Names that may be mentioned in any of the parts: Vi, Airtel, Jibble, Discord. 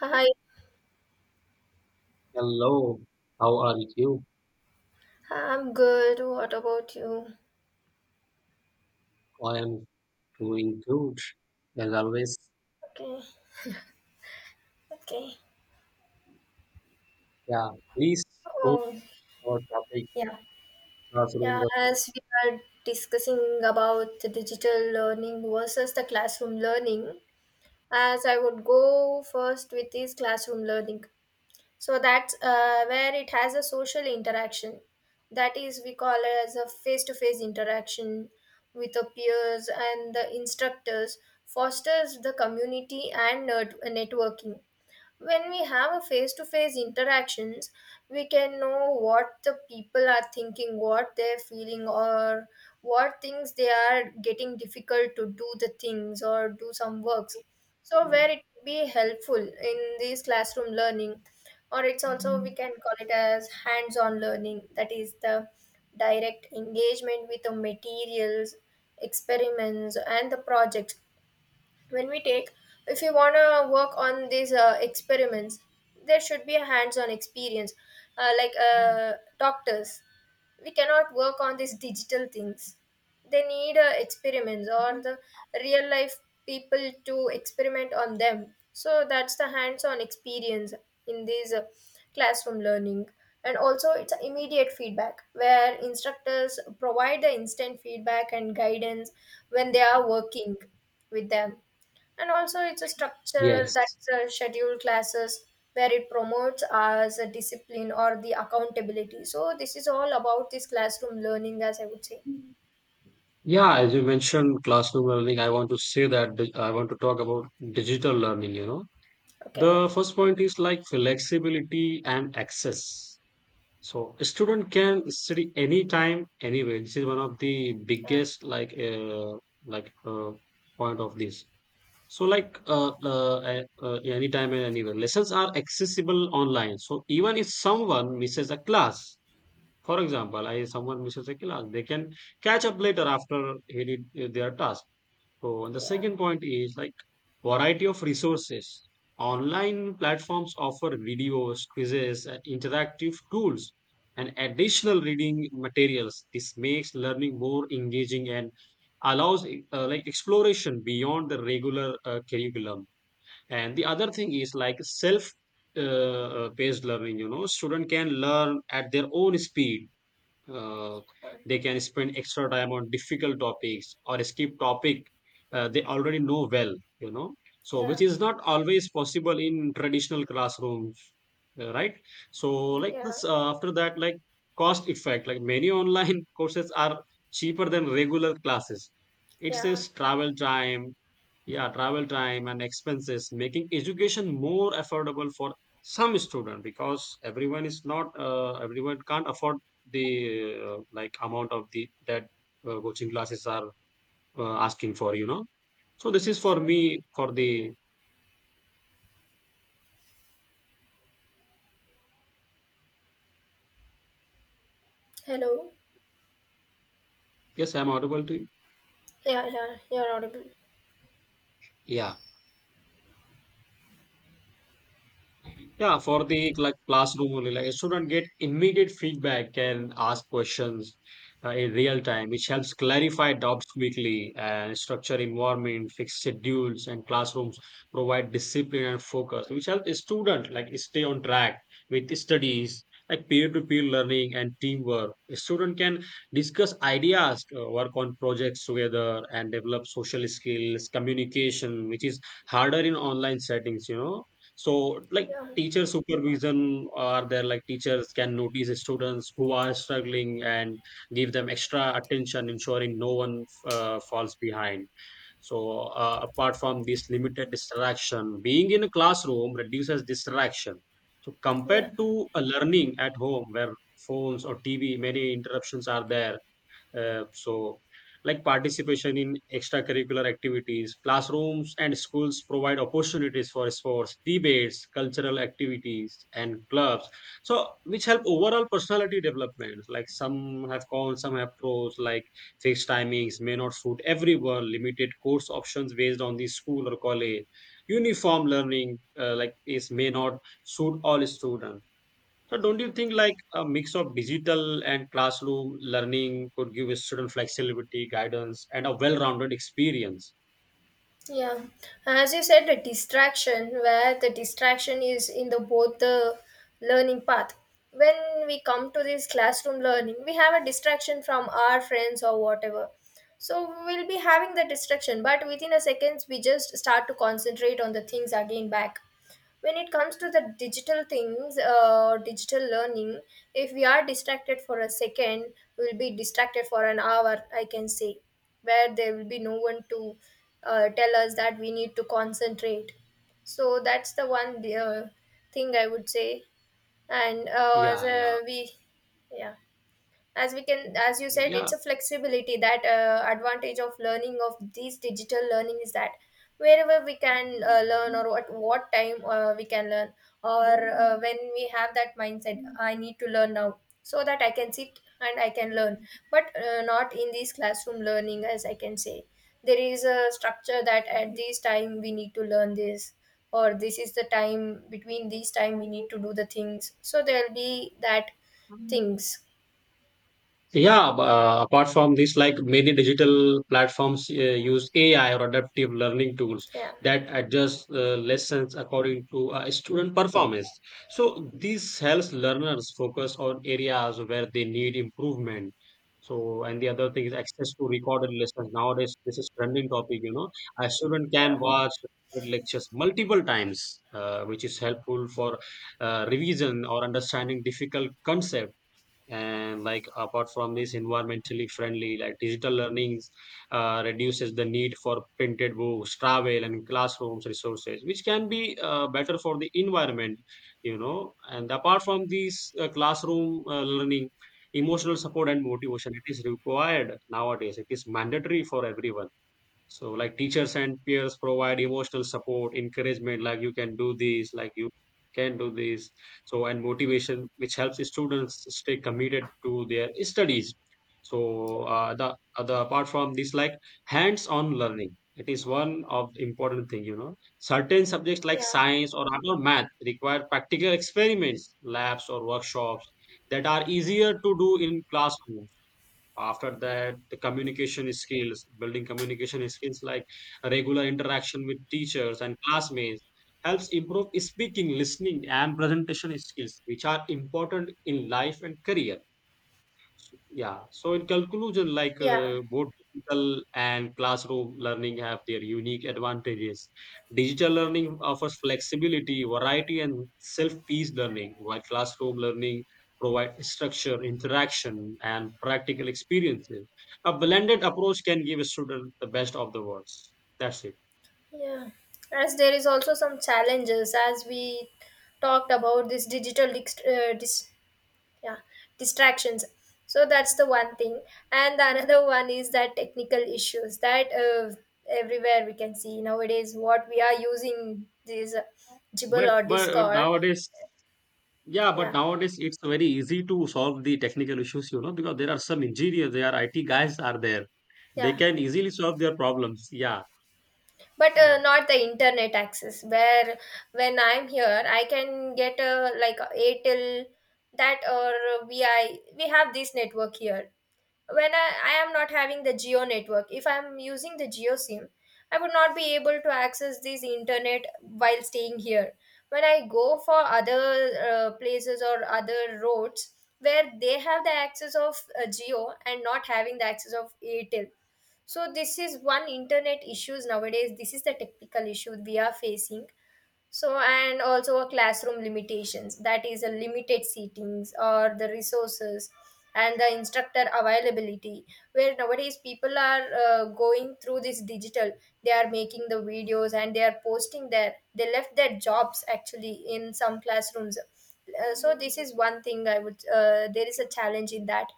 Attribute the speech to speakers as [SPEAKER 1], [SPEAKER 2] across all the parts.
[SPEAKER 1] Hi,
[SPEAKER 2] Hello, how are you?
[SPEAKER 1] I'm good. What about you?
[SPEAKER 2] I am doing good as always.
[SPEAKER 1] Okay, okay.
[SPEAKER 2] Yeah, please go
[SPEAKER 1] Oh,
[SPEAKER 2] for topic
[SPEAKER 1] yeah. Yeah,
[SPEAKER 2] classroom.
[SPEAKER 1] as we are discussing about the digital learning versus the classroom learning, as I would go first with this classroom learning. So that's where it has a social interaction. That is, we call it as a face-to-face interaction with the peers and the instructors, fosters the community and networking. When we have a face to face interactions, we can know what the people are thinking, what they're feeling, or what things they are getting difficult to do the things or do some works. So
[SPEAKER 2] Work.
[SPEAKER 1] where it could be helpful in this classroom learning, or it's also we can call it as hands on learning, that is the direct engagement with the materials, experiments, and the projects. When we take, if you want to work on these experiments, there should be a hands-on experience, like doctors. We cannot work on these digital things, they need experiments or the real life people to experiment on them. So that's the hands-on experience in this classroom learning. And also it's a immediate feedback where instructors provide the instant feedback and guidance when they are working with them. And also, it's a structure,
[SPEAKER 2] Yes.
[SPEAKER 1] that's scheduled classes where it promotes as a discipline or the accountability. So this is all about this classroom learning, as I would say.
[SPEAKER 2] Yeah, as you mentioned classroom learning, I want to say that I want to talk about digital learning, you know.
[SPEAKER 1] Okay.
[SPEAKER 2] The first point is like flexibility and access. So a student can study anytime, anywhere. This is one of the biggest
[SPEAKER 1] Yeah.
[SPEAKER 2] like uh, point of this. So anytime and anywhere. Lessons are accessible online. So even if someone misses a class, for example, I someone misses a class, they can catch up later after he did their task. So, and the
[SPEAKER 1] Yeah.
[SPEAKER 2] second point is like variety of resources. Online platforms offer videos, quizzes, and interactive tools, and additional reading materials. This makes learning more engaging and allows like exploration beyond the regular curriculum. And the other thing is like self uh, paced learning. You know, student can learn at their own speed, uh,
[SPEAKER 1] uh,
[SPEAKER 2] they can spend extra time on difficult topics or skip topic they already know well, you know, so
[SPEAKER 1] Yeah.
[SPEAKER 2] which is not always possible in traditional classrooms, right. So like
[SPEAKER 1] Yeah.
[SPEAKER 2] this, after that, like cost effect, like many online courses are cheaper than regular classes. It
[SPEAKER 1] Yeah.
[SPEAKER 2] saves travel time. Yeah, travel time and expenses, making education more affordable for some student, because everyone is not everyone can't afford the like amount of the that coaching classes are asking for, you know. So this is for
[SPEAKER 1] Yeah.
[SPEAKER 2] me for the
[SPEAKER 1] Hello.
[SPEAKER 2] yes, I'm audible to you.
[SPEAKER 1] Yeah. Yeah. You're audible.
[SPEAKER 2] Yeah. Yeah, for the like classroom only, like a student get immediate feedback and ask questions in real time, which helps clarify doubts quickly and structure environment, fix schedules, and classrooms provide discipline and focus, which helps a student like stay on track with studies, like peer-to-peer learning and teamwork. A student can discuss ideas, work on projects together, and develop social skills, communication, which is harder in online settings, you know. So, like
[SPEAKER 1] Yeah.
[SPEAKER 2] teacher supervision are there, like teachers can notice students who are struggling and give them extra attention, ensuring no one falls behind. So, apart from this, limited distraction, being in a classroom reduces distraction, so
[SPEAKER 1] Yeah.
[SPEAKER 2] compared to a learning at home where phones or tv, many interruptions are there, so, like participation in extracurricular activities, classrooms and schools provide opportunities for sports, debates, cultural activities, and clubs. So, which help overall personality development. Like some have cons, some have pros. Like fixed timings may not suit everyone. Limited course options based on the school or college. Uniform learning, like is may not suit all students. So don't you think like a mix of digital and classroom learning could give a student flexibility, guidance, and a well-rounded experience?
[SPEAKER 1] Yeah, as you said, the distraction, where the distraction is in the both the learning path. When we come to this classroom learning, we have a distraction from our friends or whatever. So we'll be having the distraction, but within a seconds we just start to concentrate on the things again back. When it comes to the digital things, digital learning, if we are distracted for a second, we'll be distracted for an hour, I can say, where there will be no one to tell us that we need to concentrate. So that's the one uh, thing I would say. And as
[SPEAKER 2] Yeah,
[SPEAKER 1] a we, yeah, as we can, as you said,
[SPEAKER 2] yeah,
[SPEAKER 1] it's a flexibility that advantage of learning of these digital learning is that wherever we can learn or at what time we can learn, or when we have that mindset I need to learn now, so that I can sit and I can
[SPEAKER 2] yeah.
[SPEAKER 1] learn. But not in this classroom learning, as I can say, there is a structure that at this time we need to learn this, or this is the time between these time we need to do the things, so there will be that things.
[SPEAKER 2] Yeah, apart from this, like many digital platforms use AI or adaptive learning tools
[SPEAKER 1] Yeah.
[SPEAKER 2] that adjust lessons according to student performance. So this helps learners focus on areas where they need improvement. So, and the other thing is access to recorded lessons. Nowadays, this is trending topic, you know. A student can
[SPEAKER 1] Yeah.
[SPEAKER 2] watch recorded lectures multiple times, which is helpful for revision or understanding difficult concepts, and like apart from this, environmentally friendly, like digital learnings reduces the need for printed books, travel and classrooms resources, which can be better for the environment, you know. And apart from these classroom learning, emotional support and motivation, it is required nowadays, it is mandatory for everyone. So like teachers and peers provide emotional support, encouragement, like you can do this, like you can do this. So and motivation, which helps the students stay committed to their studies. So the other apart from this, like hands-on learning, it is one of the important thing. You know, certain subjects like
[SPEAKER 1] Yeah.
[SPEAKER 2] science or art or math require practical experiments, labs or workshops that are easier to do in classrooms. After that, the communication skills, building communication skills like regular interaction with teachers and classmates helps improve speaking, listening and presentation skills, which are important in life and career. Yeah. So in conclusion, like
[SPEAKER 1] Yeah.
[SPEAKER 2] both digital and classroom learning have their unique advantages. Digital learning offers flexibility, variety, and self-paced learning, while classroom learning provides structure, interaction, and practical experiences. A blended approach can give a student the best of the worlds. That's it.
[SPEAKER 1] Yeah, as there is also some challenges, as we talked about this yeah, distractions. So that's the one thing. And the another one is that technical issues, that everywhere we can see nowadays what we are using this jibble
[SPEAKER 2] But
[SPEAKER 1] or
[SPEAKER 2] but, but
[SPEAKER 1] discord.
[SPEAKER 2] nowadays. Yeah, but
[SPEAKER 1] Yeah.
[SPEAKER 2] nowadays it's very easy to solve the technical issues, you know, because there are some engineers, there are IT guys are there. They
[SPEAKER 1] Yeah,
[SPEAKER 2] can easily solve their problems. Yeah,
[SPEAKER 1] but
[SPEAKER 2] yeah.
[SPEAKER 1] not the internet access, where when I'm here I can get like a airtel that, or vi, we have this network here. When I am not having the geo network, if I am using the geo sim, I would not be able to access this internet while staying here. When I go for other places or other roads where they have the access of geo and not having the access of airtel. So this is one internet issues nowadays, this is the technical issue we are facing. So, and also a classroom limitations, that is a limited seatings or the resources and the instructor availability, where nowadays people are going through this digital, they are making the videos and they are posting there, they left their jobs actually in some classrooms. So this is one thing I would there is a challenge in that.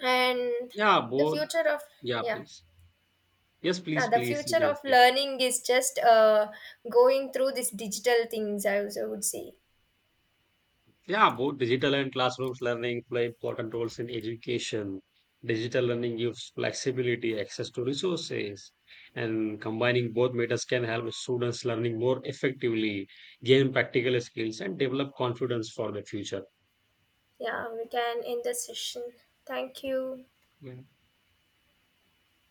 [SPEAKER 1] And
[SPEAKER 2] Yeah,
[SPEAKER 1] the
[SPEAKER 2] both.
[SPEAKER 1] future of,
[SPEAKER 2] Yeah,
[SPEAKER 1] yeah,
[SPEAKER 2] please. Yes,
[SPEAKER 1] yeah,
[SPEAKER 2] please,
[SPEAKER 1] the
[SPEAKER 2] please. You
[SPEAKER 1] future
[SPEAKER 2] can
[SPEAKER 1] of
[SPEAKER 2] say.
[SPEAKER 1] learning is just going through this digital things, I would say.
[SPEAKER 2] Yeah, both digital and classrooms learning play important roles in education. Digital learning gives flexibility, access to resources, and combining both methods can help students learning more effectively, gain practical skills, and develop confidence for the future.
[SPEAKER 1] Yeah, we can end the session. Thank you.
[SPEAKER 2] Yeah.